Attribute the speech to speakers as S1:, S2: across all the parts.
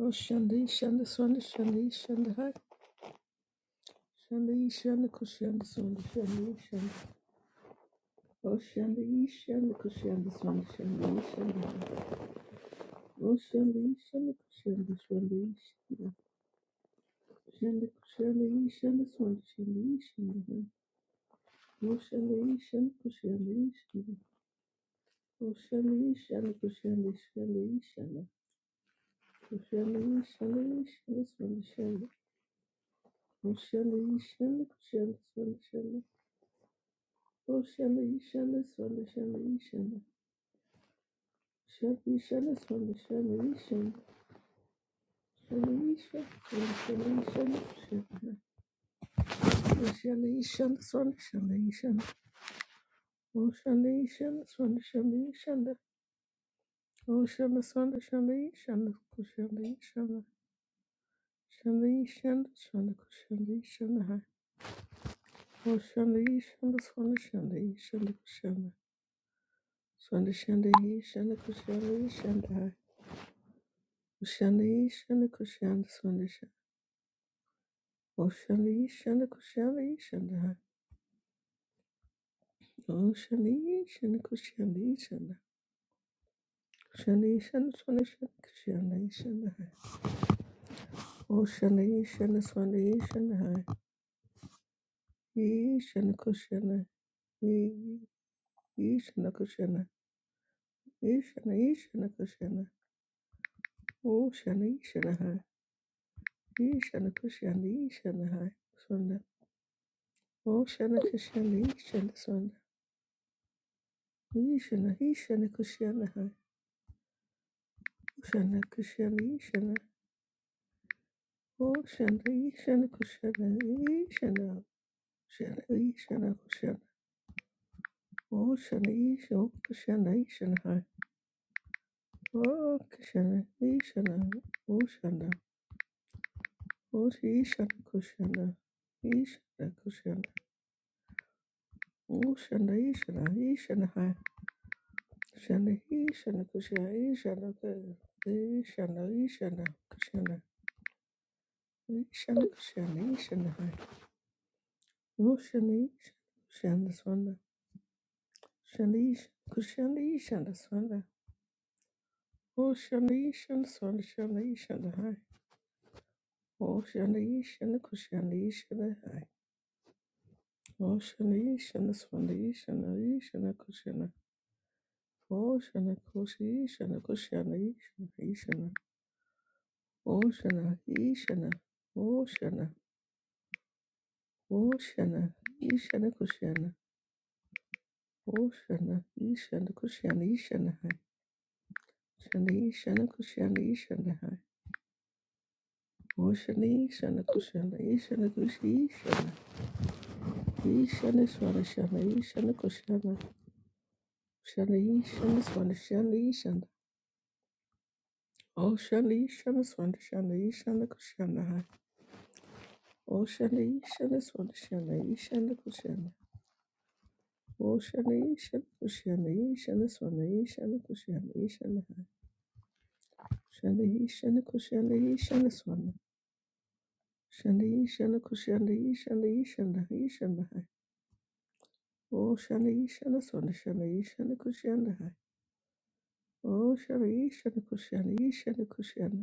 S1: Oh, Shanda, Shanda, Swanda, Shanda, Shanda, Hai. Shanda, Shanda, Kushanda, Swanda, Shanda, Shanda. Oh, Shanda, Shanda, Kushanda, Swanda, Shanda, Shanda, Hai. Oh, Shanda, Shanda, Kushanda, Swanda, Shanda. Shanda, Kushanda, Shanda, Swanda, Shanda, Shanda, Hai. Oh, Shanda, Shanda, Kushanda, Shanda. Oh, Shanda, Shanda, Kushanda, Shanda, Shanda. Oh, Shanda, Shanda, Shanda, Swanda, Shanda. Oh, Shanda, Shanda, Kushanda, Swanda, Shanda. Oh, Shelly, Shelly, Shelly, Shelly, Shelly. Shelly, Shelly, Shelly, Shelly, Shelly. Shelly, Shelly, Shelly, Shelly, Shelly. Shelly, Shelly, Shelly, Shelly, Shelly. Oh, Shelly, Shelly, Shelly, Shelly, Shelly. Oh, Shelly, Shelly, Shelly, Shelly, Shelly, Shelly. Shelly, Shelly, Shelly, Shelly, Shelly. Oh, Shelly, Shelly, Shelly, Shelly, Shelly, Shelly. Shelly, Shelly, Shelly, Shelly, Shelly. Shelly, Shelly, Shelly, Shelly, Shelly. Oshali shanda kushali shanda. Oshali shanda kushali shanda. Shani shanda swana shanda kushali shanda. Oshali shanda swana shanda. Yi shanda kushana. Yi yi shanda kushana. Yi shanda yi shanda kushana. Oshali shanda. Yi shanda kushana. Yi shanda swana. Oshana kushana. Yi shanda swana. Yi shanda yi shanda kushana. Oshana kushana. Yi shanda. Oh, Ocean, Asian, Ocean, Asian, Ocean, Asian, Ocean, Ocean, Asian, Ocean, Asian, High, Ocean, Asian, Ocean, Ocean, Ocean, Asian, Ocean, Ocean, Asian, Asian, High, Ocean, Asian, Ocean, Asian, Asian, Asian, Ocean, Asian, Ocean, Asian, High, Ocean, Asian, Ocean, this one, Ocean, Asian, Ocean, Asian, this one. Oshanishan, Swanishanishan, hi. Oshanishan, Kushanishan, hi. Oshanishan, Swanishan, Ishan, Kushana. Oshana, Kushishan, Kushana, Ishan, Ishana. Oshana, Ishana, Oshana, Oshana, Ishana, Kushana. Oshana, Ishan, Kushana, Ishana, hi. Shanishan, Kushana, Ishana, hi. Oshani, Shana, Kushana, Ishana, Kushishana. Yishana Shwana Shana Yishana Koshana Shana Yishana Swana Shana Yishana Oh Shana Yishana Swana Shana Yishana Koshana Oh Shana Yishana Swana Shana Yishana Koshana Oh Shana Yishana Koshana Yishana Swana Yishana Koshana Yishana Shana Yishana Koshana Yishana Swana Shana Yishana Koshana Yishana Yishana Yishana Oh Shana Yishana Swana Shana Yishana Koshana Oh Shana Yishana Koshana Yishana Koshana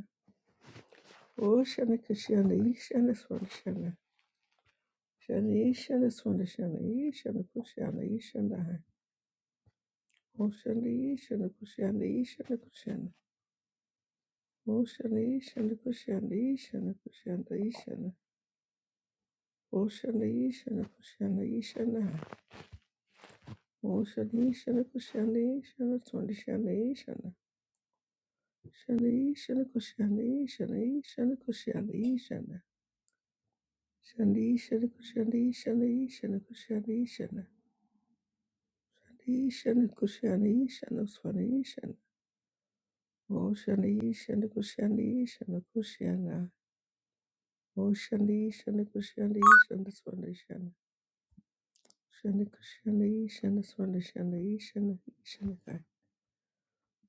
S1: Oh, Shana Kushana, Ishana Swanashana. Shana Ishana Swanashana, Ishana Kushana, Ishana. Oh, Shana Ishana Kushana, Ishana Kushana. Oh, Shana Ishana Kushana, Ishana Kushana, Ishana. Oh, Shana Ishana Kushana, Ishana. Oh, Shana Ishana Kushana, Ishana Swanashana, Ishana. Shana Ishana Kushana, Ishana, Ishana Kushana, Ishana. Shana Ishana Kushana, Ishana, Ishana Kushana, Ishana. Ishana Kushana Ishana Swana Ishana Oshana Ishana Kushana Ishana Kushana Oshana Ishana Kushana Ishana Swana Ishana Shana Kushana Ishana Swana Shana Ishana Ishana Kai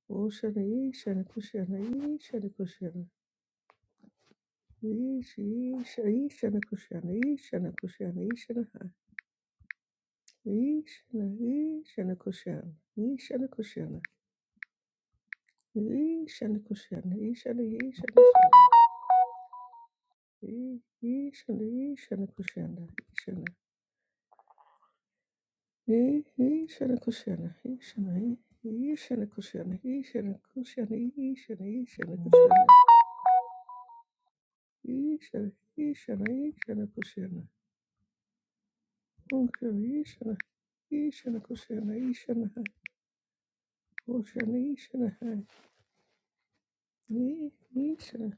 S1: Oshana Ishana Kushana Ishana Kushana Ish Isha Ishana Kushana Ishana Kushana Ishana Hai Ishana Ishana Kushana Ishana Kushana Ishana Kushana Ishana Ishana Kushana E- Ishana, Ishana Kushana, Ishana. E- Ishana Kushana, Ishana, E- Ishana Kushana, Ishana Kushana, Ishana, Ishana Kushana, Ishana, Ishana, Ishana Kushana, Unkana, Ishana, Ishana Kushana, Ishana, Kushana, Ishana, E- Ishana,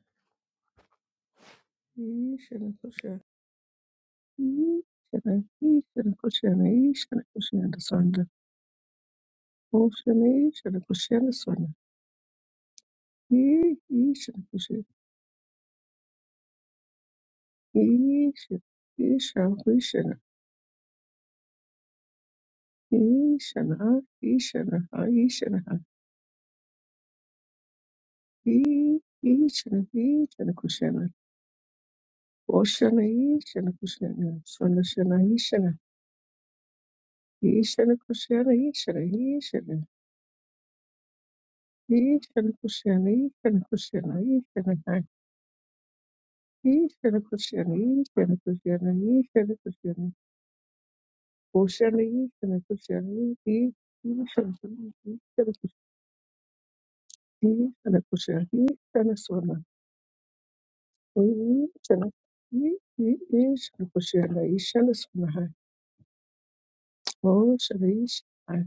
S1: Ishana Kushana, Ishana, Ishana Kushana, Ishana Kushana, Sonda, Kushana, Ishana Kushana, Sonda. Ishana Isha, Isha, Ishana, Ishana, Ishana, Ishana, I- Ishana, Ishana, Kushana, Oshana, Ishana, Kushana, Sonashana, Ishana, Ishana, Kushana, Ishana, Ishana, Ishana, Kushana, Ishana, Kushana, Ishana, I- Ishana, Kushana, Ishana, Kushana, Ishana, Kushana, Oshana, Ishana, Kushana, I- Ishana, Ishana, Kushana, Ishana, Kushana, Ishana, Swana, Tuna- hii- hii- hii shakushirihishana swanaha osharihishana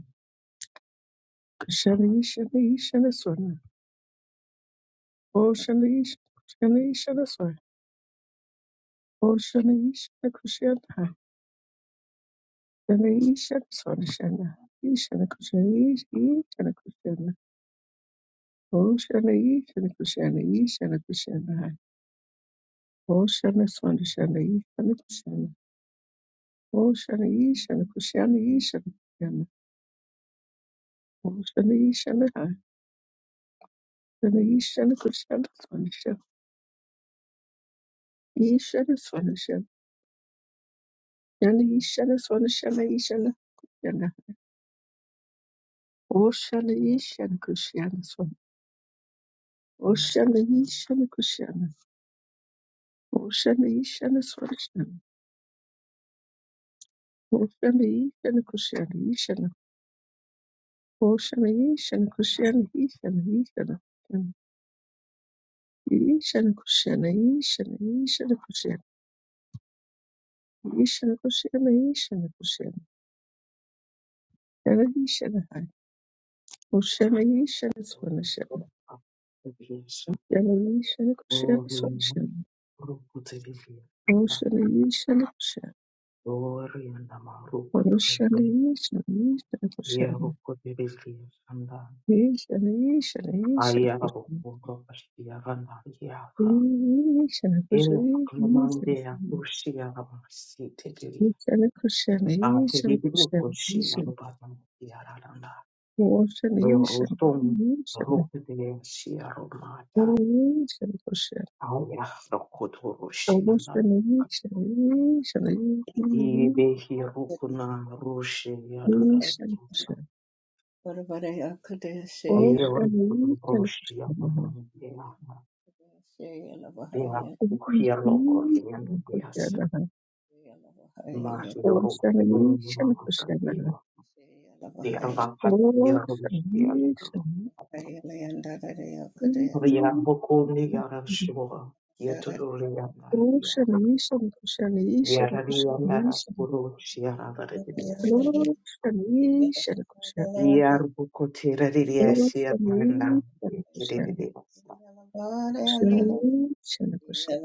S1: kusharihishana swanaha osharihishana swanaha osharihishana kushanaha sharihishana swanashana ishana kusharihishana kushana osharihishana kushana ishana kushanaha oshana swanashana ishana kushana osharihishana kushana ishana kushana Yana Ishana Kushana Swanasha Ishana Swanasha yana Ishana Swanashana Ishana Kushana Oshana Ishana Kushana Swan Oshana Ishana Kushana Oshana Ishana Swanashana Oshana Ishana Kushana Ishana Oshana Ishana Kushana Ishana Ishana Ishana Kushana Ishana Ishana Kushana Ishana Kushana Ishana Kushana yana Ishana Hai Oshana Ishana Swanashana
S2: Kuvisha
S1: Ocean,
S2: oriyana rukudziririsha oriyana marukudziririsha yerukudziririsha nda ayarukundo pashiyarana yaka elakamande yakushiyana masitiriya akurirukushiyana mubazana yararana yorusum rukudzirishiyarumada ayarukudziririsha nda yeru tomu ruku diri shiyara mada ayara kuturu shiyara
S3: Yalla
S2: Yebehia okuna roshi yarada. Ayeorukutu roshi yamamani beyaha.
S1: Oh, Ocean,
S2: Beyaku
S1: Ocean,
S2: hielo ordiendo beyasa. Mahioru bunumaka beyo. Derabakat yarush yarada. Riyabokuni yarashua. Yetuturi yandara ya.
S1: Ocean, Ocean,
S2: Yarari yandara urush yarada beyasa. Yarbukutirari yashia kanda. Yedidiyasa.
S1: Ocean, Ocean,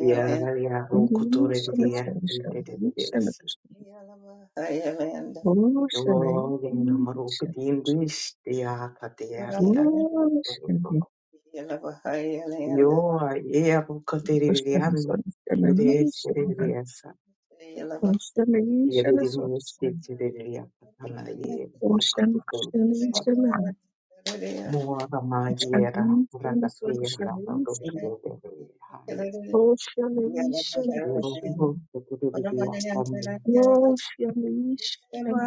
S2: Yara yaro kutore bidiya intete bidiyas. Yo gena maruke tiendish tiya kateya liya. Yo ea katere bidiya no kire sere bidiyasa.
S1: Ocean
S2: Yere
S1: Ocean Ocean
S2: bidiya sete de bidiya katala ye
S1: Ocean
S2: kututum
S1: Ocean
S2: sa.
S1: Ocean
S2: Moa rama yera rakateya la doshe bidiya haya.
S1: Oceanation
S2: Yoro
S1: cushion.
S2: kutere bidiya sande.
S1: Oceanation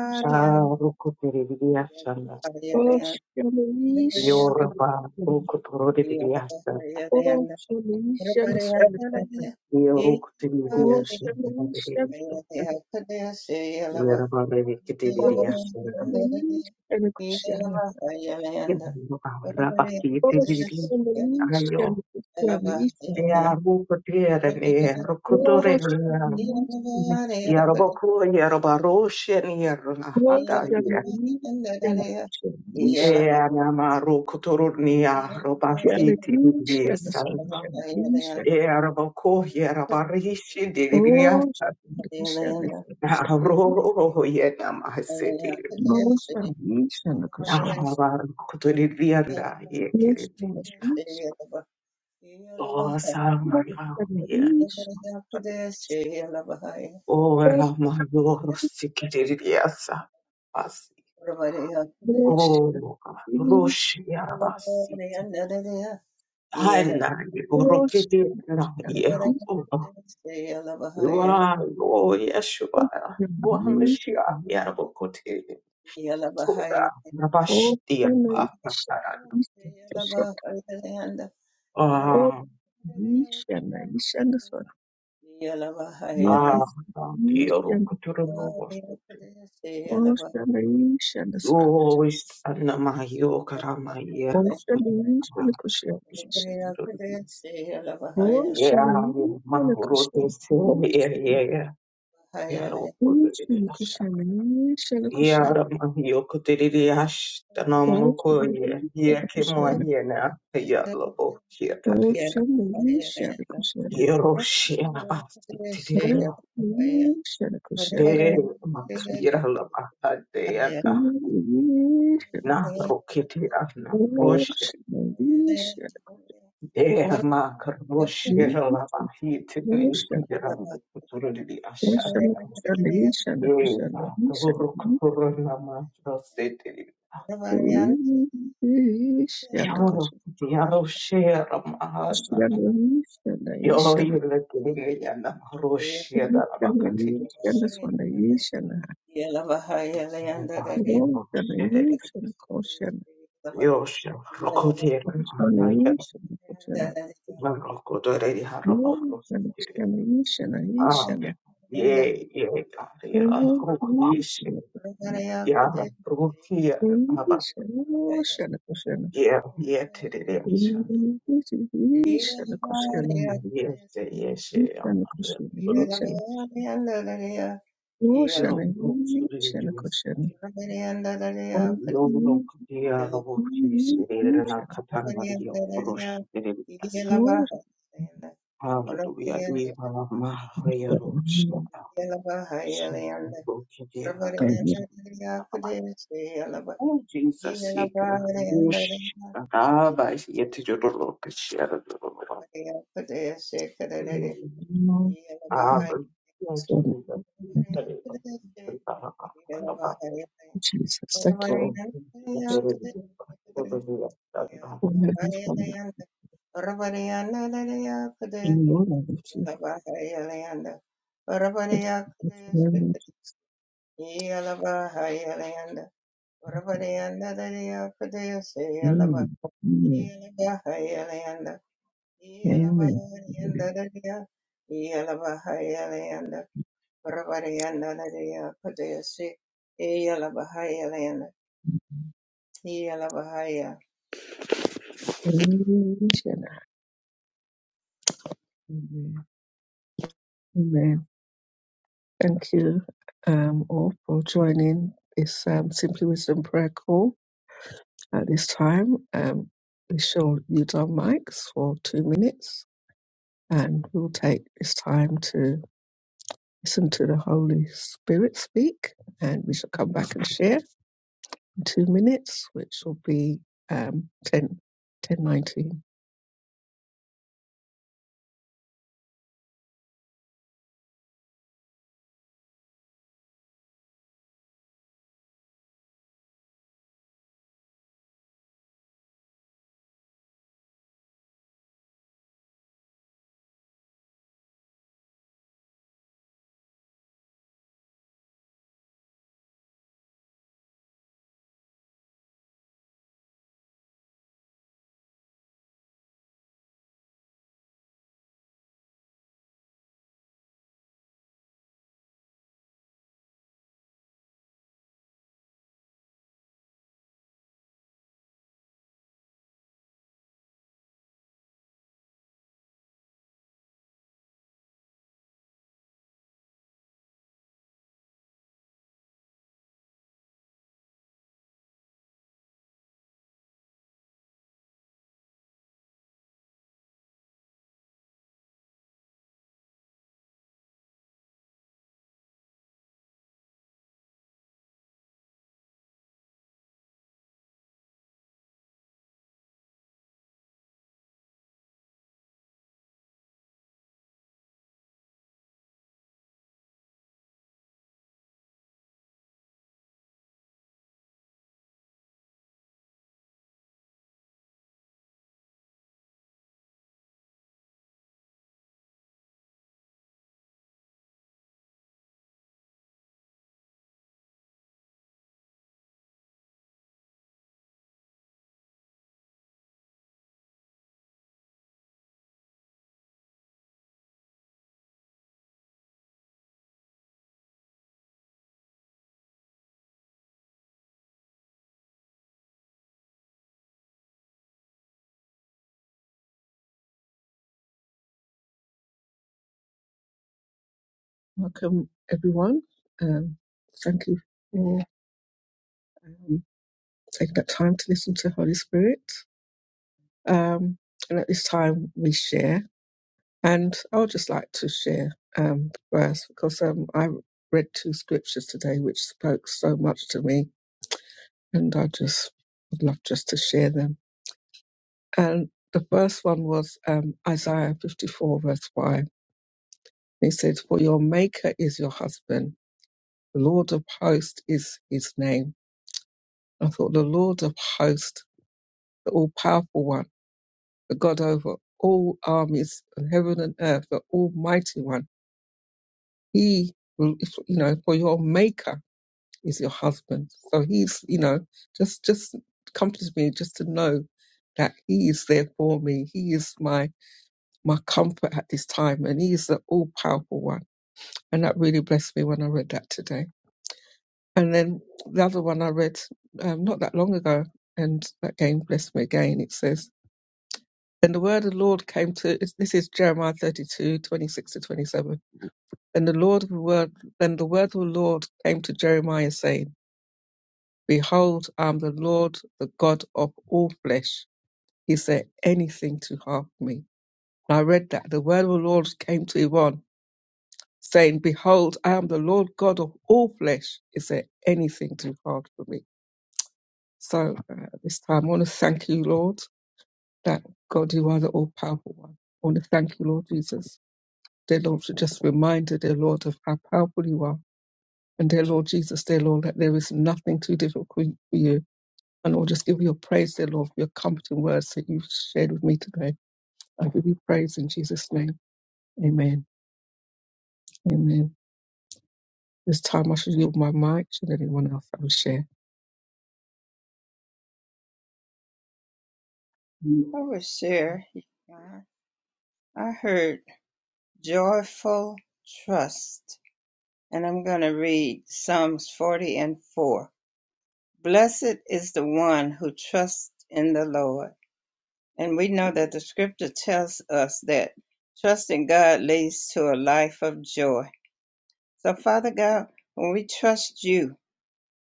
S1: cushion.
S2: Ah, rukutere
S1: Oceanation
S2: Yorba
S1: cushion.
S2: Roku Torodi Viasta,
S1: Oceanation cushion.
S2: Yoruk
S1: Oceanation ocean. Oceanation
S2: Tivias,
S3: Yeah. Yeah.
S2: Yerba Revikidia,
S1: cushion. Oceanation cushion.
S2: Rabaki Tividi, Ayo, Dea Ruku Tier, Rokutore,
S1: Oceanation ocean.
S2: Yaraboko, Yaraba Roshen, Yerahata, Eanama Rukuturnia, Robashi Tivias, Yaraboko, Yarabarishi, Roho yena masete. Kutorianda yekerete. O samaya ye.
S3: Yalabahaya,
S2: O rama yorosi kereriasa basi. O roshi abasiti. Ana yorokete na ye. O wa o yeshua. O hamashia yarabokote. Toda nabashtia ba. Ah. Ah, Yoro Kotoromo was it.
S1: Oceanation, oceanation,
S2: You always Anamayo Karamaya
S1: oceanation, oceanation, oceanation,
S2: Rokotis. Yeah,
S1: ocean,
S2: Mahorote,
S1: oceanation,
S2: yeah, yeah, yeah.
S3: Thank
S2: Yaro
S3: you.
S1: ocean, oceanation, ocean, oceanation,
S2: Kodriasha.
S1: ocean,
S2: Yeah,
S1: oceanation,
S2: Ramayo Kotriash,
S1: ocean,
S2: Tanamoko, yeah, yeah,
S1: oceanation,
S2: Kemoyena, Yalobo, Yatate, Yeroshi, Abasti, Tirio,
S1: oceanation, ocean,
S2: Be,
S1: ocean,
S2: Makira, Lava, Na rokete ana roşte de ma kroşe la bahit ne hidra kuturu di aşağı
S1: oceanation,
S2: de ta doğru
S1: oceanation,
S2: kuturu nama roste dedi.
S1: Kuishi
S2: Ya
S1: na kuishi
S2: ya roşe ma na
S1: na kuishi
S2: yo
S1: naishi na
S2: yele kene ya na roşe da la
S1: kuishi
S2: bakati ya
S1: naishi na
S2: roşe.
S1: swa naishi na kuishi
S2: Roşe dedi.
S1: naishi na kuishi
S2: Yo rokote ya
S1: na swa
S2: na ya
S1: naishi na kuishi na
S2: ben rokote dedi ha
S1: kuishi naishi naishi
S2: Um,
S1: na
S2: ye ye, God, yeah, I'm
S1: kuishi
S2: going Ye, kiss
S1: kuishi
S2: you. Yeah, I'm going to kiss you. I'm a-
S1: naishi na kuishi na kuishi kuishi na kuishi na kuishi na
S2: yeah, yeah, to the dance.
S1: kuishi naishi na kuishi na kuishi
S2: Mm, Yes, yeah, yes, yeah, I'm here. You don't know, so do you
S1: na
S2: do this thing.
S1: kuishi
S2: You don't
S1: na
S2: know, yeah, I not
S3: Yeah.
S2: kiss
S1: Mhm.
S2: you. They didn't have
S1: Future.
S2: Catan
S3: Yeah.
S2: Maria, Rosh, they didn't ask her.
S1: Most
S2: Hallelujah. Eva, Maria,
S1: of
S2: Rosh,
S1: them,
S2: Shaka. So, okay, yeah, I got
S1: maybe,
S2: it. Oh, Jesus, he can rush. Ah, but yet you don't look at share.
S1: no,
S2: Ah, but yeah,
S1: sort of,
S2: Jesus, he
S1: but
S2: can rush. Ah, but
S1: Jesus, thank you,
S2: oh,
S1: Jesus, for every father. In your love, you have to
S3: Yalabahayalayanda.
S1: thank you very
S3: Varavaryakadeyasvita.
S1: much.
S3: Yalabahayalayanda. Varavaryandadadayakadeyase yalaba.
S1: Amen. Amen.
S3: Yalabahayalayanda.
S1: Amen.
S3: Yalabaharyandadadaya. Yalabahayalayanda. Varavaryandadadayakadeyase yalabahayalayanda. Yalabahaya.
S1: Amen. Amen. Amen. Thank you um, all for joining this um, Simply Wisdom prayer call. At this time, um, we shall use our mics for two minutes and we'll take this time to listen to the Holy Spirit speak, and we shall come back and share in two minutes, which will be um, 10, ten nineteen. Welcome, everyone. Um, thank you for um, taking that time to listen to Holy Spirit. Um, and at this time, we share. And I would just like to share um, verse because um, I read two scriptures today which spoke so much to me and I just would love just to share them. And the first one was um, Isaiah 54, verse 5. He says, For your maker is your husband, the Lord of hosts is his name. I thought, The Lord of hosts, the all powerful one, the God over all armies and heaven and earth, the almighty one. He will, if- you know, for your maker is your husband. So he's, you know, just, just comforts me just to know that he is there for me. He is my my comfort at this time. And He is the all powerful one. And that really blessed me when I read that today. And then the other one I read um, not that long ago, and that again blessed me again. It says, And the word of the Lord came to, this is Jeremiah 32 26 to 27. And the Lord of the word, then the word of the Lord came to Jeremiah saying, Behold, I am the Lord, the God of all flesh. Is there anything to harm me? And I read that the word of the Lord came to Yvonne saying, Behold, I am the Lord God of all flesh. Is there anything too hard for me? So uh, this time, I want to thank you, Lord, that God, you are the all powerful one. I want to thank you, Lord Jesus, dear Lord, for just a reminder, dear Lord, of how powerful you are. And dear Lord Jesus, dear Lord, that there is nothing too difficult for you. And I'll just give you your praise, dear Lord, for your comforting words that you've shared with me today. I give you praise in Jesus' name. Amen. Amen. This time I shall yield my mic. Should anyone else have a share?
S3: I was there. I heard joyful trust. and I'm going to read Psalms 40 and 4. Blessed is the one who trusts in the Lord. And we know that the scripture tells us that trusting God leads to a life of joy. So, Father God, when we trust you,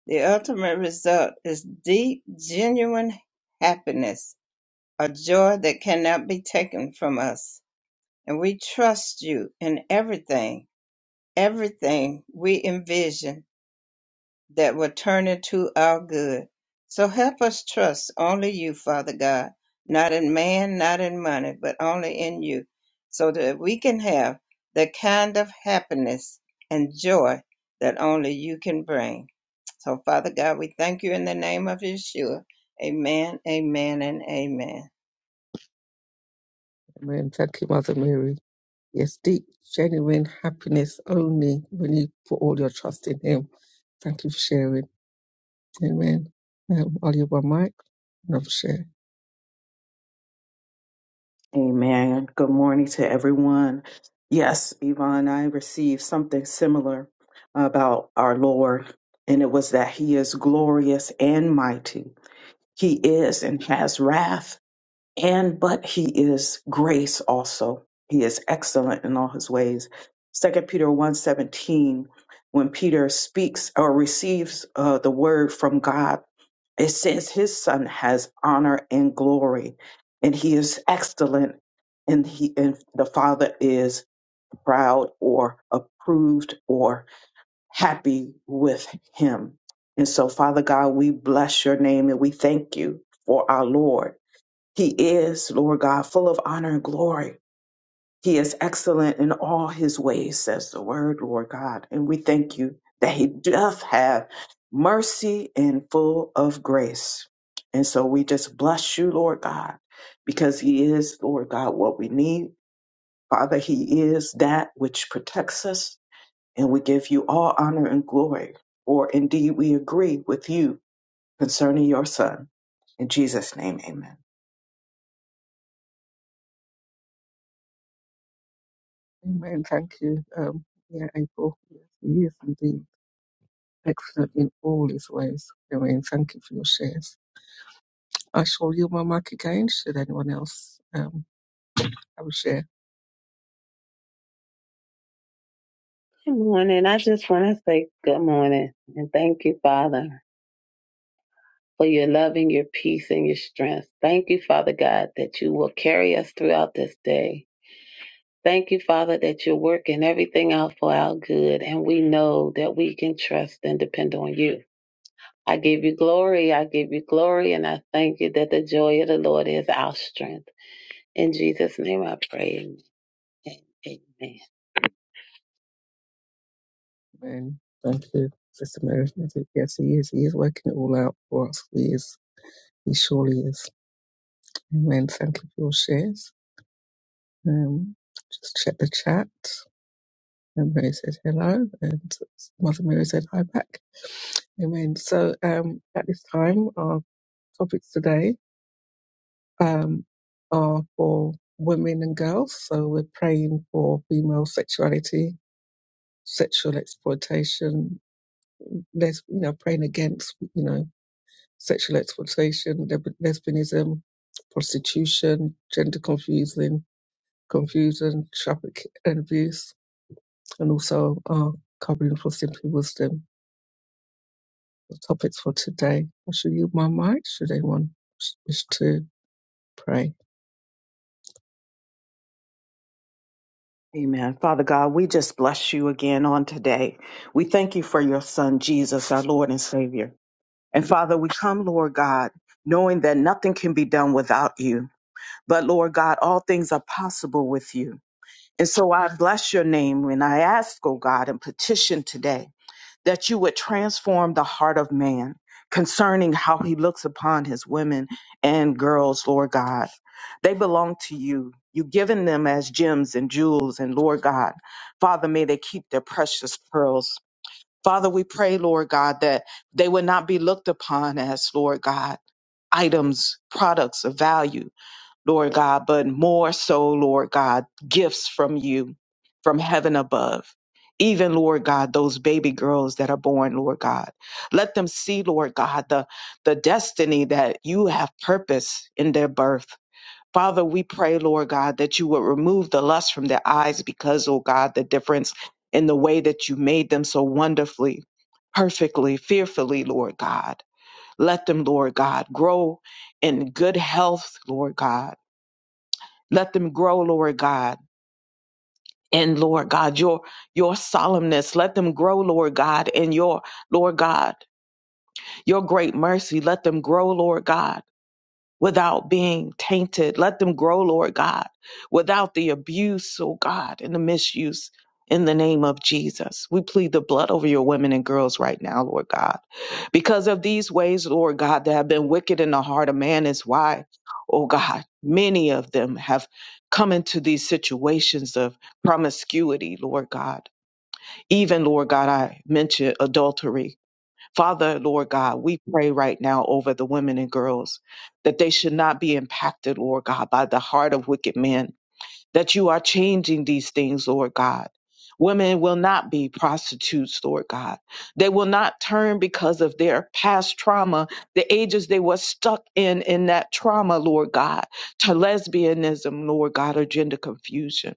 S3: the ultimate result is deep, genuine happiness, a joy that cannot be taken from us. And we trust you in everything, everything we envision that will turn into our good. So help us trust only you, Father God, not in man, not in money, but only in you, so that we can have the kind of happiness and joy that only you can bring. So, Father God, we thank you in the name of Yeshua. Amen, amen, and amen.
S1: Amen. Thank you, Mother Mary. Yes, deep, genuine happiness only when you put all your trust in Him. Thank you for sharing. Amen. Um, I'll you one mic and I'll share.
S2: Amen. Good morning to everyone. Yes, Yvonne, I received something similar about our Lord, and it was that He is glorious and mighty. He is and has wrath and but he is grace also he is excellent in all his ways second peter one seventeen, when peter speaks or receives uh, the word from god it says his son has honor and glory and he is excellent and he and the father is proud or approved or happy with him and so father god we bless your name and we thank you for our lord he is, Lord God, full of honor and glory. He is excellent in all his ways, says the word, Lord God. And we thank you that he doth have mercy and full of grace. And so we just bless you, Lord God, because he is, Lord God, what we need. Father, he is that which protects us. And we give you all honor and glory. For indeed we agree with you concerning your son. In Jesus' name, amen.
S1: Amen. Thank you. Um, yeah, April. Yes, He is indeed excellent in all His ways. Amen. Thank you for your shares. I shall yield my mic again. Should anyone else um, have a share?
S4: Good morning. I just want to say good morning and thank you, Father, for your love and your peace and your strength. Thank you, Father God, that you will carry us throughout this day. Thank you, Father, that you're working everything out for our good, and we know that we can trust and depend on you. I give you glory. I give you glory, and I thank you that the joy of the Lord is our strength. In Jesus' name I pray. Amen. Amen.
S1: Amen. Thank you, Sister Mary. Yes, He is. He is working it all out for us. He is. He surely is. Amen. Thank you for your shares. Um, just check the chat. And Mary said hello, and Mother Mary said hi back. Amen. So um, at this time, our topics today um, are for women and girls. So we're praying for female sexuality, sexual exploitation. Les- you know, praying against you know sexual exploitation, leb- lesbianism, prostitution, gender confusing, confusion, traffic and abuse and also uh, covering for Simply Wisdom, the topics for today. I should yield my mic should anyone wish to pray.
S2: Amen. Father God, we just bless you again on today. We thank you for your son, Jesus, our Lord and Savior. And Father, we come, Lord God, knowing that nothing can be done without you. But Lord God, all things are possible with you. And so I bless your name and I ask, oh God, and petition today that you would transform the heart of man concerning how he looks upon his women and girls, Lord God. They belong to you. You've given them as gems and jewels, and Lord God, Father, may they keep their precious pearls. Father, we pray, Lord God, that they would not be looked upon as, Lord God, items, products of value, Lord God, but more so, Lord God, gifts from you, from heaven above. Even, Lord God, those baby girls that are born, Lord God. Let them see, Lord God, the, the destiny that you have purpose in their birth. Father, we pray, Lord God, that you would remove the lust from their eyes because, oh God, the difference in the way that you made them so wonderfully, perfectly, fearfully, Lord God. Let them, Lord God, grow in good health, Lord God let them grow, Lord God. And Lord God, your your solemnness, let them grow, Lord God, in your Lord God, your great mercy, let them grow, Lord God without being tainted. Let them grow, Lord God, without the abuse, oh God, and the misuse. In the name of Jesus, we plead the blood over your women and girls right now, Lord God. Because of these ways, Lord God, that have been wicked in the heart of man, is why, oh God, many of them have come into these situations of promiscuity, Lord God. Even, Lord God, I mentioned adultery Father, Lord God, we pray right now over the women and girls that they should not be impacted, Lord God, by the heart of wicked men, that you are changing these things, Lord God. Women will not be prostitutes, Lord God. They will not turn because of their past trauma, the ages they were stuck in, in that trauma, Lord God, to lesbianism, Lord God, or gender confusion.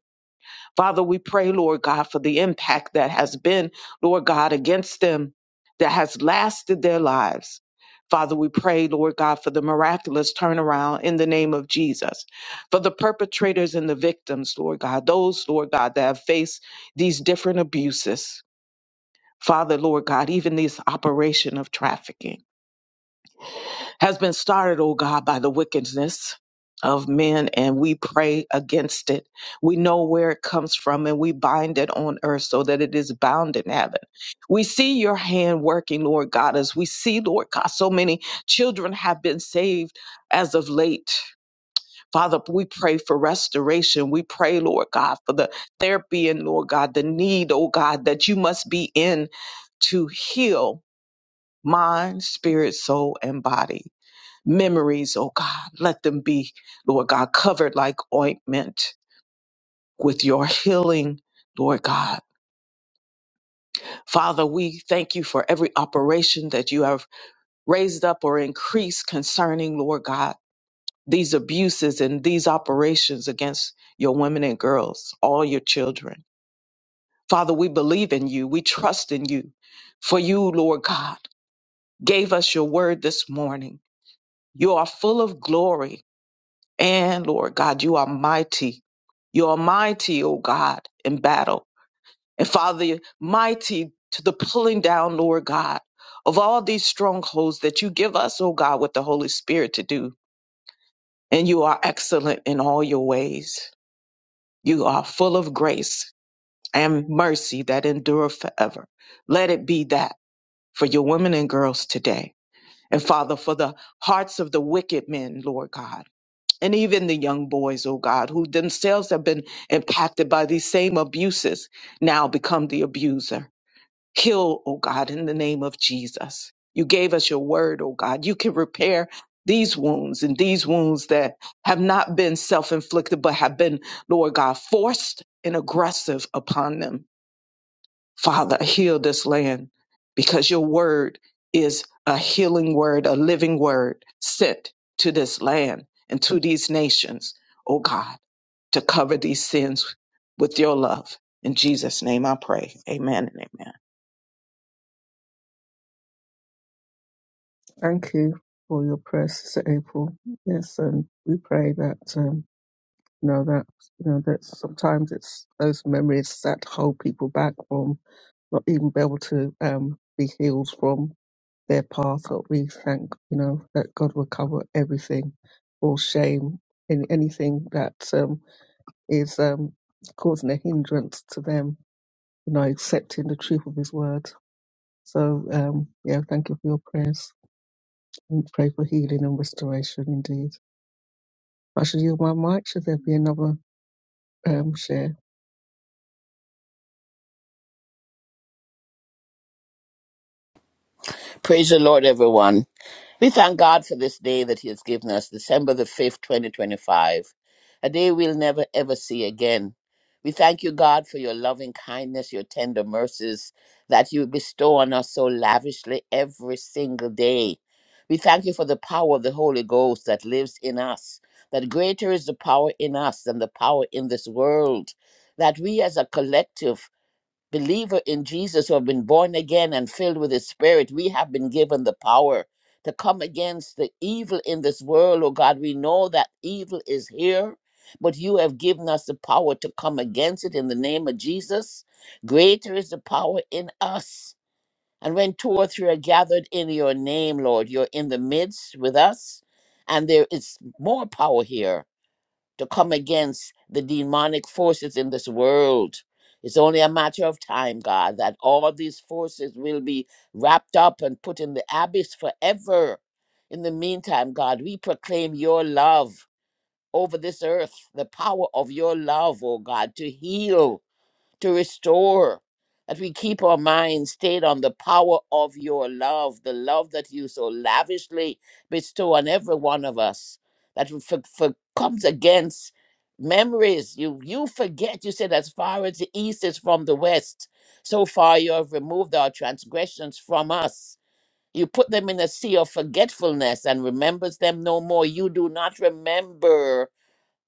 S2: Father, we pray, Lord God, for the impact that has been, Lord God, against them that has lasted their lives. Father, we pray, Lord God, for the miraculous turnaround in the name of Jesus, for the perpetrators and the victims, Lord God, those, Lord God, that have faced these different abuses. Father, Lord God, even this operation of trafficking has been started, oh God, by the wickedness of men, and we pray against it. We know where it comes from, and we bind it on earth so that it is bound in heaven. We see your hand working, Lord God, as we see, Lord God, so many children have been saved as of late. Father, we pray for restoration. We pray, Lord God, for the therapy and, Lord God, the need, oh God, that you must be in to heal mind, spirit, soul, and body memories, oh God. Let them be, Lord God, covered like ointment with your healing, Lord God. Father, we thank you for every operation that you have raised up or increased concerning, Lord God, these abuses and these operations against your women and girls, all your children. Father, we believe in you. We trust in you. For you, Lord God, gave us your word this morning. You are full of glory And Lord God, you are mighty. You are mighty, O God, in battle. And Father, mighty to the pulling down, Lord God, of all these strongholds that you give us, O God, with the Holy Spirit to do. And you are excellent in all your ways. You are full of grace and mercy that endure forever. Let it be that for your women and girls today. And Father, for the hearts of the wicked men, Lord God and even the young boys, oh God, who themselves have been impacted by these same abuses, now become the abuser. Heal, oh God, in the name of Jesus. You gave us your word, oh God. You can repair these wounds and these wounds that have not been self inflicted, but have been, Lord God, forced and aggressive upon them. Father, heal this land because your word is a healing word, a living word sent to this land and to these nations, oh God, to cover these sins with your love. In Jesus' name I pray. Amen and amen.
S1: Thank you for your prayers, Sister April. Yes, and we pray that, um, you know, that, you know, that sometimes it's those memories that hold people back from not even be able to um, be healed from their path, but we thank, you know, that God will cover everything, all shame, and anything that um, is um, causing a hindrance to them, you know, accepting the truth of His word. So, um, yeah, thank you for your prayers. And pray for healing and restoration indeed. I should yield my mic. Should there be another um, share?
S5: Praise the Lord, everyone. We thank God for this day that He has given us, December the 5th, 2025, a day we'll never ever see again. We thank you, God, for your loving kindness, your tender mercies that you bestow on us so lavishly every single day. We thank you for the power of the Holy Ghost that lives in us, that greater is the power in us than the power in this world, that we as a collective believer in Jesus who have been born again and filled with his spirit, we have been given the power to come against the evil in this world, oh God. We know that evil is here, but you have given us the power to come against it in the name of Jesus. Greater is the power in us. And when two or three are gathered in your name, Lord, you're in the midst with us, and there is more power here to come against the demonic forces in this world. It's only a matter of time, God, that all these forces will be wrapped up and put in the abyss forever. In the meantime, God, we proclaim your love over this earth, the power of your love, oh God, to heal to restore, that we keep our minds stayed on the power of your love, the love that you so lavishly bestow on every one of us, that we for, for comes against memories. You you forget, you said, as far as the east is from the west, so far you have removed our transgressions from us. You put them in a sea of forgetfulness and remembers them no more. You do not remember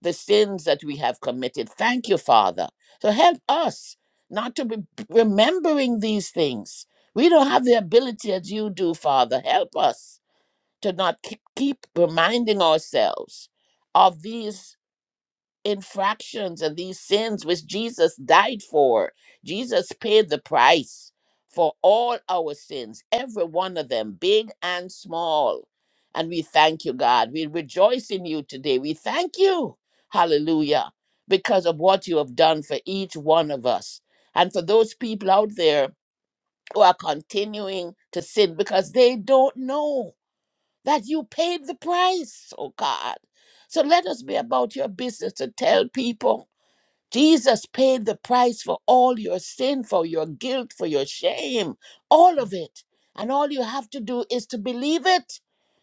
S5: the sins that we have committed. Thank you, Father. So help us not to be remembering these things. We don't have the ability as you do, Father. Help us to not keep keep reminding ourselves of these infractions and these sins which Jesus died for. Jesus paid the price for all our sins, every one of them, big and small. And we thank you, God. We rejoice in you today. We thank you, hallelujah, because of what you have done for each one of us. And for those people out there who are continuing to sin because they don't know that you paid the price, oh God. So let us be about your business to tell people Jesus paid the price for all your sin, for your guilt, for your shame, all of it. And all you have to do is to believe it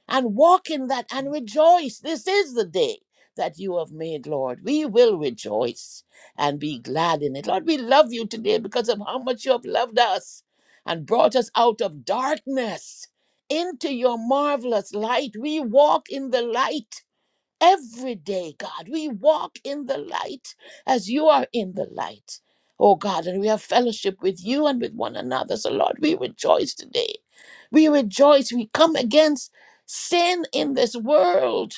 S5: and walk in that and rejoice. This is the day that you have made, Lord. We will rejoice and be glad in it. Lord, we love you today because of how much you have loved us and brought us out of darkness into your marvelous light. We walk in the light every day, God. We walk in the light as you are in the light, oh God, and we have fellowship with you and with one another. So, Lord, we rejoice today. We rejoice. We come against sin in this world.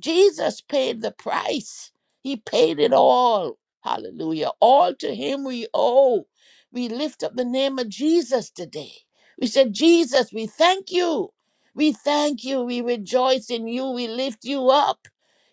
S5: Jesus paid the price, He paid it all. Hallelujah. All to Him we owe. We lift up the name of Jesus today. We said, Jesus, we thank you. We thank you. We rejoice in you. We lift you up.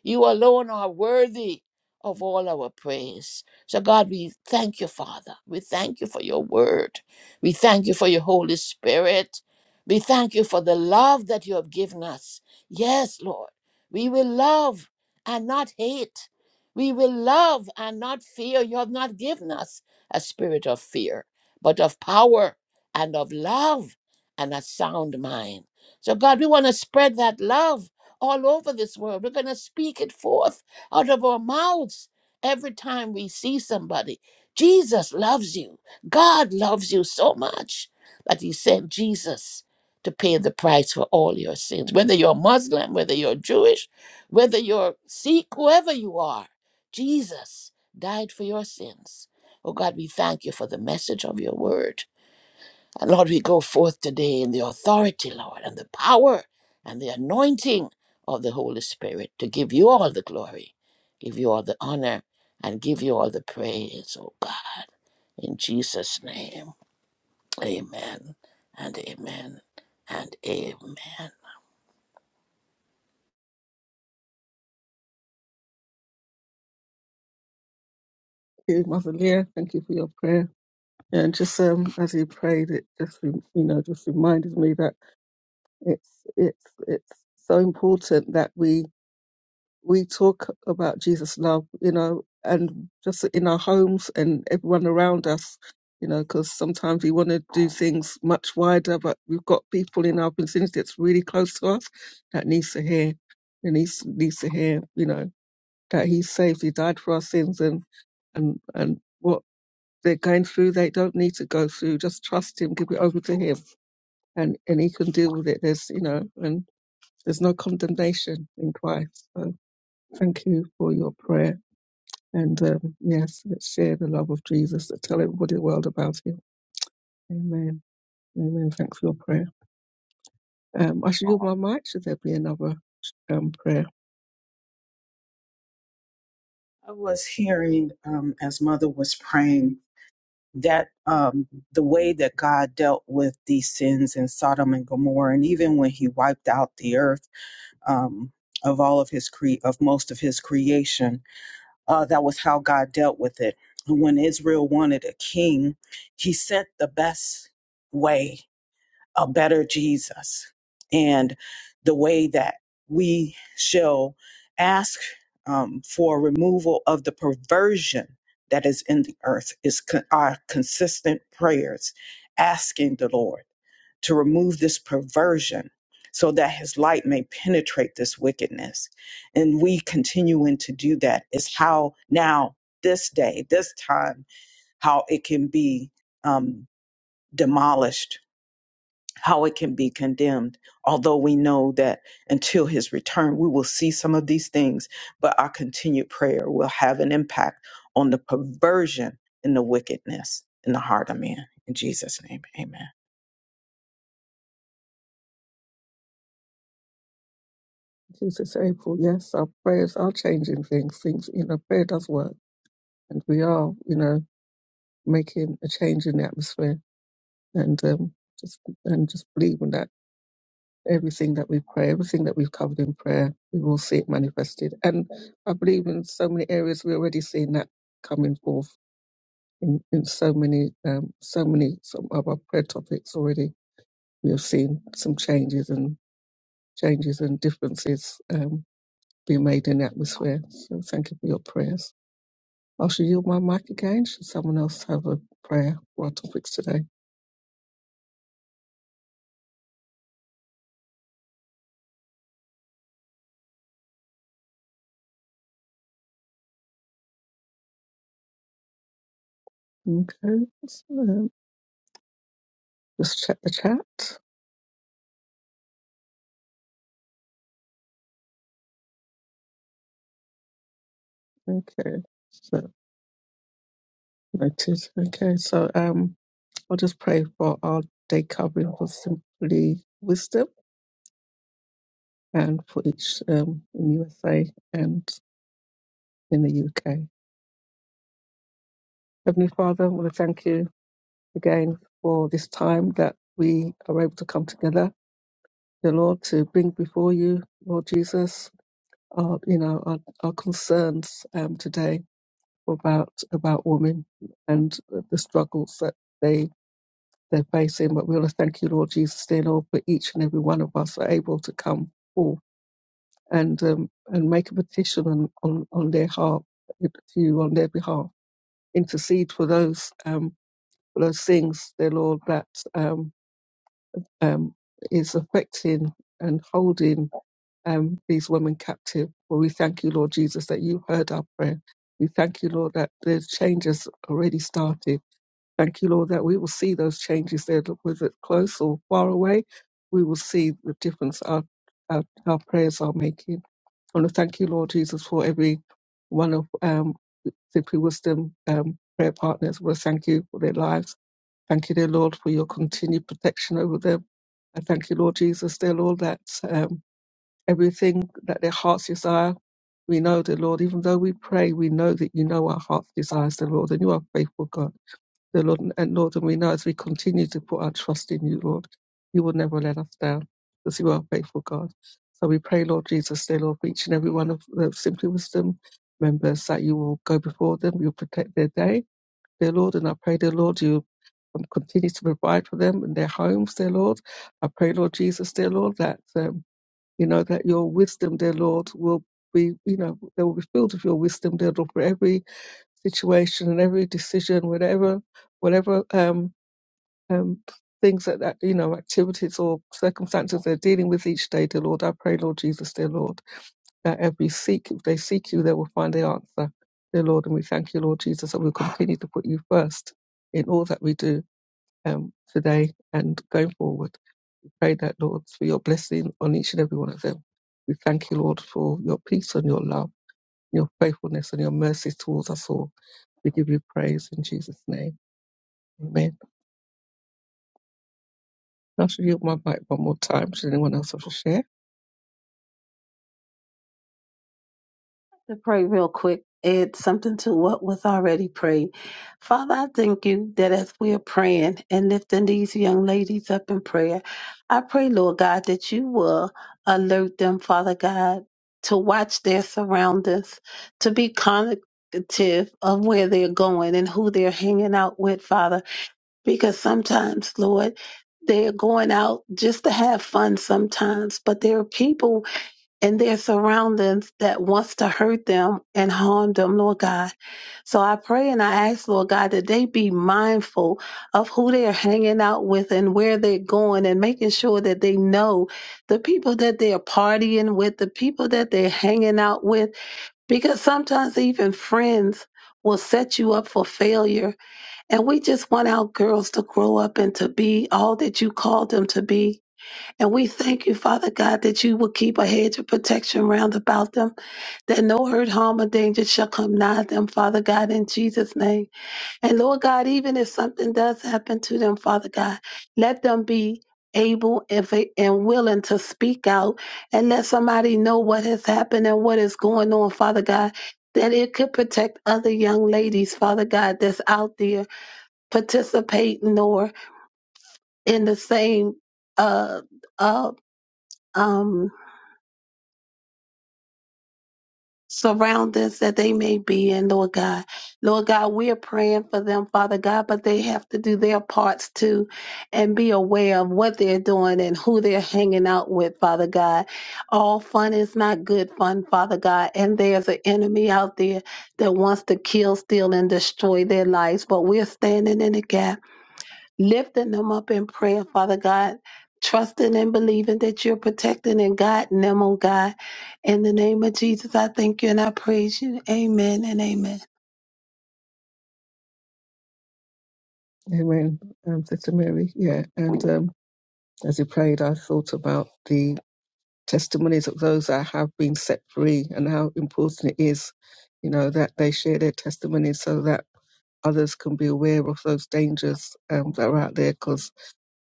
S5: You alone are worthy of all our praise. So, God, we thank you, Father. We thank you for your word. We thank you for your Holy Spirit. We thank you for the love that you have given us. Yes, Lord. We will love and not hate. We will love and not fear. You have not given us a spirit of fear, but of power and of love and a sound mind. So, God, we want to spread that love all over this world. We're going to speak it forth out of our mouths every time we see somebody. Jesus loves you. God loves you so much that he sent Jesus to pay the price for all your sins. Whether you're Muslim, whether you're Jewish, whether you're Sikh, whoever you are, Jesus died for your sins. Oh God, we thank you for the message of your word. And Lord, we go forth today in the authority, Lord, and the power and the anointing of the Holy Spirit to give you all the glory, give you all the honor, and give you all the praise, oh God. In Jesus' name, amen and amen and amen.
S1: Thank you, Mother Leah, thank you for your prayer. Yeah, and just um, as you prayed, it just rem- you know just reminded me that it's it's it's so important that we we talk about Jesus' love, you know, and just in our homes and everyone around us, you know, because sometimes we want to do things much wider, but we've got people in our vicinity that's really close to us that needs to hear, and needs needs to hear, you know, that He's saved, He died for our sins, and and and what they're going through, they don't need to go through. Just trust Him, give it over to Him, and and He can deal with it. There's, you know, and there's no condemnation in Christ. So thank you for your prayer. And um, yes, let's share the love of Jesus. Tell everybody in the world about him. Amen. Amen. Thanks for your prayer. Um, I should yield my mic. Should there be another um, prayer?
S2: I was hearing um, as Mother was praying that um, the way that God dealt with these sins in Sodom and Gomorrah, and even when He wiped out the earth um, of all of His cre- of most of His creation, Uh, that was how God dealt with it. When Israel wanted a king, he sent the best way, a better Jesus. And the way that we shall ask um, for removal of the perversion that is in the earth is con- our consistent prayers, asking the Lord to remove this perversion so that his light may penetrate this wickedness. And we continuing to do that is how now, this day, this time, how it can be um, demolished, how it can be condemned. Although we know that until his return, we will see some of these things, but our continued prayer will have an impact on the perversion and the wickedness in the heart of man. In Jesus' name, amen.
S1: Jesus, April. Yes, our prayers are changing things. Things, you know, prayer does work. And we are, you know, making a change in the atmosphere. And um, just and just believe in that everything that we pray, everything that we've covered in prayer, we will see it manifested. And I believe in so many areas we're already seeing that coming forth in, in so many um, so many some of our prayer topics already we have seen some changes and changes and differences um, being made in the atmosphere. So thank you for your prayers. I shall yield my mic again. Should someone else have a prayer for our topics today? Okay, so, um, just check the chat. Okay, so noted. Okay, so um, I'll just pray for our day covering for simply wisdom and for each um, in USA and. in the UK. Heavenly Father, I want to thank you again for this time that we are able to come together, dear Lord, to bring before you, Lord Jesus, our, you know, our, our concerns um, today about about women and the struggles that they they're facing. But we want to thank you, Lord Jesus, dear Lord, for each and every one of us are able to come forth and um, and make a petition on, on, on their heart to you on their behalf. Intercede for those. Um, of things, dear Lord, that um, um, is affecting and holding um, these women captive. Well, we thank you, Lord Jesus, that you heard our prayer. We thank you, Lord, that the changes already started. Thank you, Lord, that we will see those changes there, look, whether it's close or far away. We will see the difference our, our, our prayers are making. I want to thank you, Lord Jesus, for every one of um, Simply Wisdom um, prayer partners. We thank you for their lives Thank you, dear Lord, for your continued protection over them. I thank you, Lord Jesus, dear Lord, that um, everything that their hearts desire, we know, dear Lord, even though we pray, we know that you know our heart's desires, dear Lord, and you are faithful, God, dear Lord. And and Lord, and we know as we continue to put our trust in you, Lord, you will never let us down because you are faithful, God. So we pray, Lord Jesus, dear Lord, for each and every one of the Simply Wisdom members that you will go before them, you'll protect their day dear Lord, and I pray, dear Lord, you um, continue to provide for them in their homes, dear Lord. I pray, Lord Jesus, dear Lord, that um, you know that your wisdom, dear Lord, will be you know they will be filled with your wisdom, dear Lord, for every situation and every decision, whatever whatever um um things that, that you know activities or circumstances they're dealing with each day, dear Lord. I pray, Lord Jesus, dear Lord that if we seek, if they seek you, they will find the answer. Dear Lord, and we thank you, Lord Jesus, that we'll continue to put you first in all that we do um, today and going forward. We pray that, Lord, for your blessing on each and every one of them. We thank you, Lord, for your peace and your love, your faithfulness and your mercies towards us all. We give you praise in Jesus' name. Amen. Now, should yield my mic one more time. Should anyone else want to share?
S4: to pray real quick, add something to what was already prayed. Father, I thank you that as we are praying and lifting these young ladies up in prayer, I pray, Lord God, that you will alert them, Father God, to watch their surroundings, to be cognitive of where they're going and who they're hanging out with, Father, because sometimes, Lord, they're going out just to have fun sometimes, but there are people and their surroundings that wants to hurt them and harm them, Lord God. So I pray and I ask, Lord God, that they be mindful of who they're hanging out with and where they're going and making sure that they know the people that they're partying with, the people that they're hanging out with, because sometimes even friends will set you up for failure. And we just want our girls to grow up and to be all that you called them to be and we thank you, Father God, that you will keep a hedge of protection round about them, that no hurt, harm, or danger shall come nigh them, Father God, in Jesus' name. And Lord God, even if something does happen to them, Father God, let them be able if they- and willing to speak out and let somebody know what has happened and what is going on, Father God. That it could protect other young ladies, Father God, that's out there participating or in the same uh uh um Surround us that they may be in, Lord God. Lord God, we are praying for them, Father God, but they have to do their parts too and be aware of what they're doing and who they're hanging out with, Father God. All fun is not good fun, Father God, and there's an enemy out there that wants to kill, steal, and destroy their lives, but we're standing in the gap lifting them up in prayer, Father God, trusting and believing that you're protecting and guiding them, oh God. In the name of Jesus, I thank you and I praise you. Amen and amen.
S1: Amen. Um, Sister Mary, yeah. And um, as you prayed, I thought about the testimonies of those that have been set free and how important it is, you know, that they share their testimonies so that others can be aware of those dangers um, that are out there. Cause,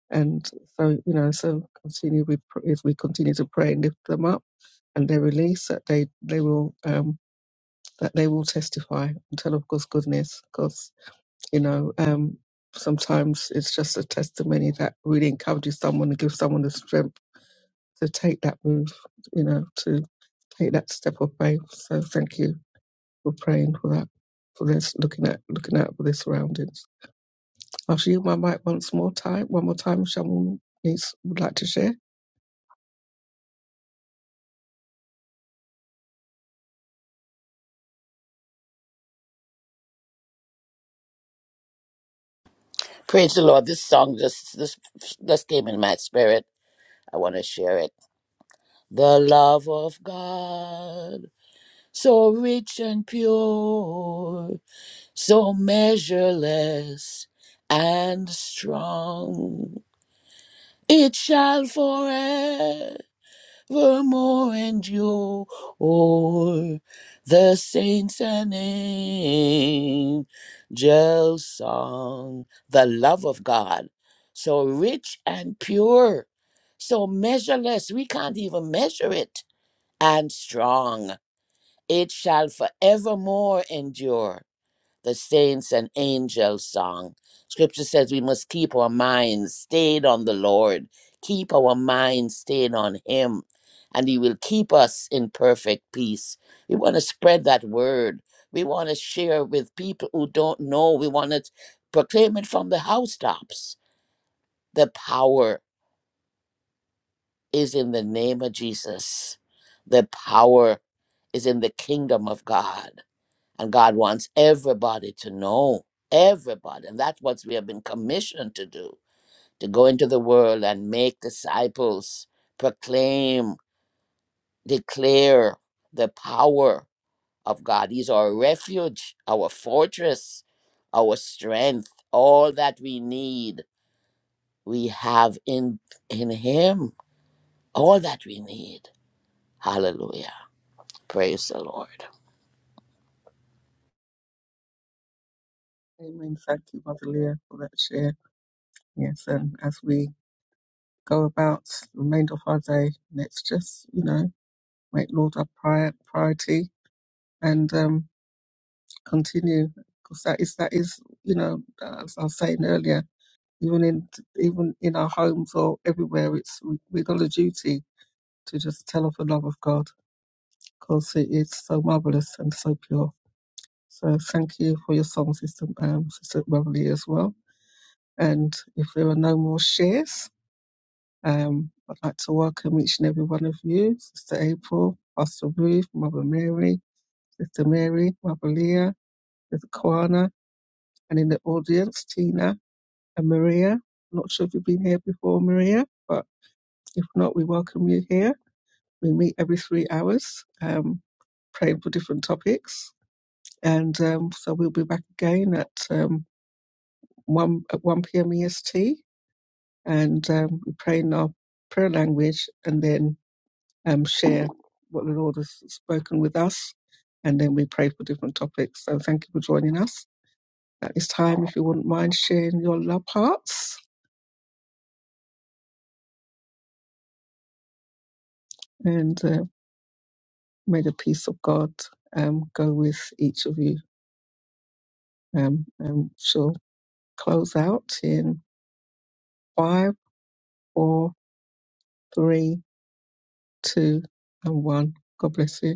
S1: and so, you know, so continue with, pr- if we continue to pray and lift them up and their release that they, they will, um, that they will testify and tell of God's goodness. Cause, you know, um, sometimes it's just a testimony that really encourages someone and gives someone the strength to take that move, you know, to take that step of faith. So thank you for praying for that, for this, looking at looking out for the surroundings. I'll show you my mic once more time, one more time. If someone needs would like to share.
S5: Praise the Lord. This song just this just came in my spirit. I want to share it. The love of God, so rich and pure so measureless and strong. It shall forevermore endure. The saints and angels song. The love of God, so rich and pure, so measureless, we can't even measure it, and strong. It shall forevermore endure the saints and angels song. Scripture says we must keep our minds stayed on the Lord, keep our minds stayed on Him, and He will keep us in perfect peace. We want to spread that word. We want to share with people who don't know. We want to proclaim it from the housetops. The power is in the name of Jesus. The power is in the kingdom of God. And God wants everybody to know, everybody. And that's what we have been commissioned to do to go into the world and make disciples, proclaim, declare the power of God. He's our refuge, our fortress, our strength. All that we need, we have in, in Him. All that we need. Hallelujah. Praise the Lord.
S1: Amen. Thank you, Mother Leah, for that share. Yes, and as we go about the remainder of our day, let's just, you know. make Lord our prior, priority and um, continue because that is that is you know as I was saying earlier even in even in our homes or everywhere it's we- we've got a duty to just tell of the love of God because it is so marvelous and so pure. So thank you for your song, Sister um, Sister Beverly as well. And if there are no more shares, um, I'd like to welcome each and every one of you, Sister April, Pastor Ruth, Mother Mary, Sister Mary, Mother Leah, There's Koana, and in the audience, Tina and Maria. Not sure if you've been here before, Maria, but if not, we welcome you here. We meet every three hours, um, praying for different topics, and um, so we'll be back again at um, one at one p.m. EST, and um, we pray in our prayer language, and then um, share what the Lord has spoken with us, and then we pray for different topics. So thank you for joining us. At this time, if you wouldn't mind sharing your love hearts, and uh, may the peace of God um, go with each of you. Um, and she'll close out in five, four, three, two, and one. God bless you.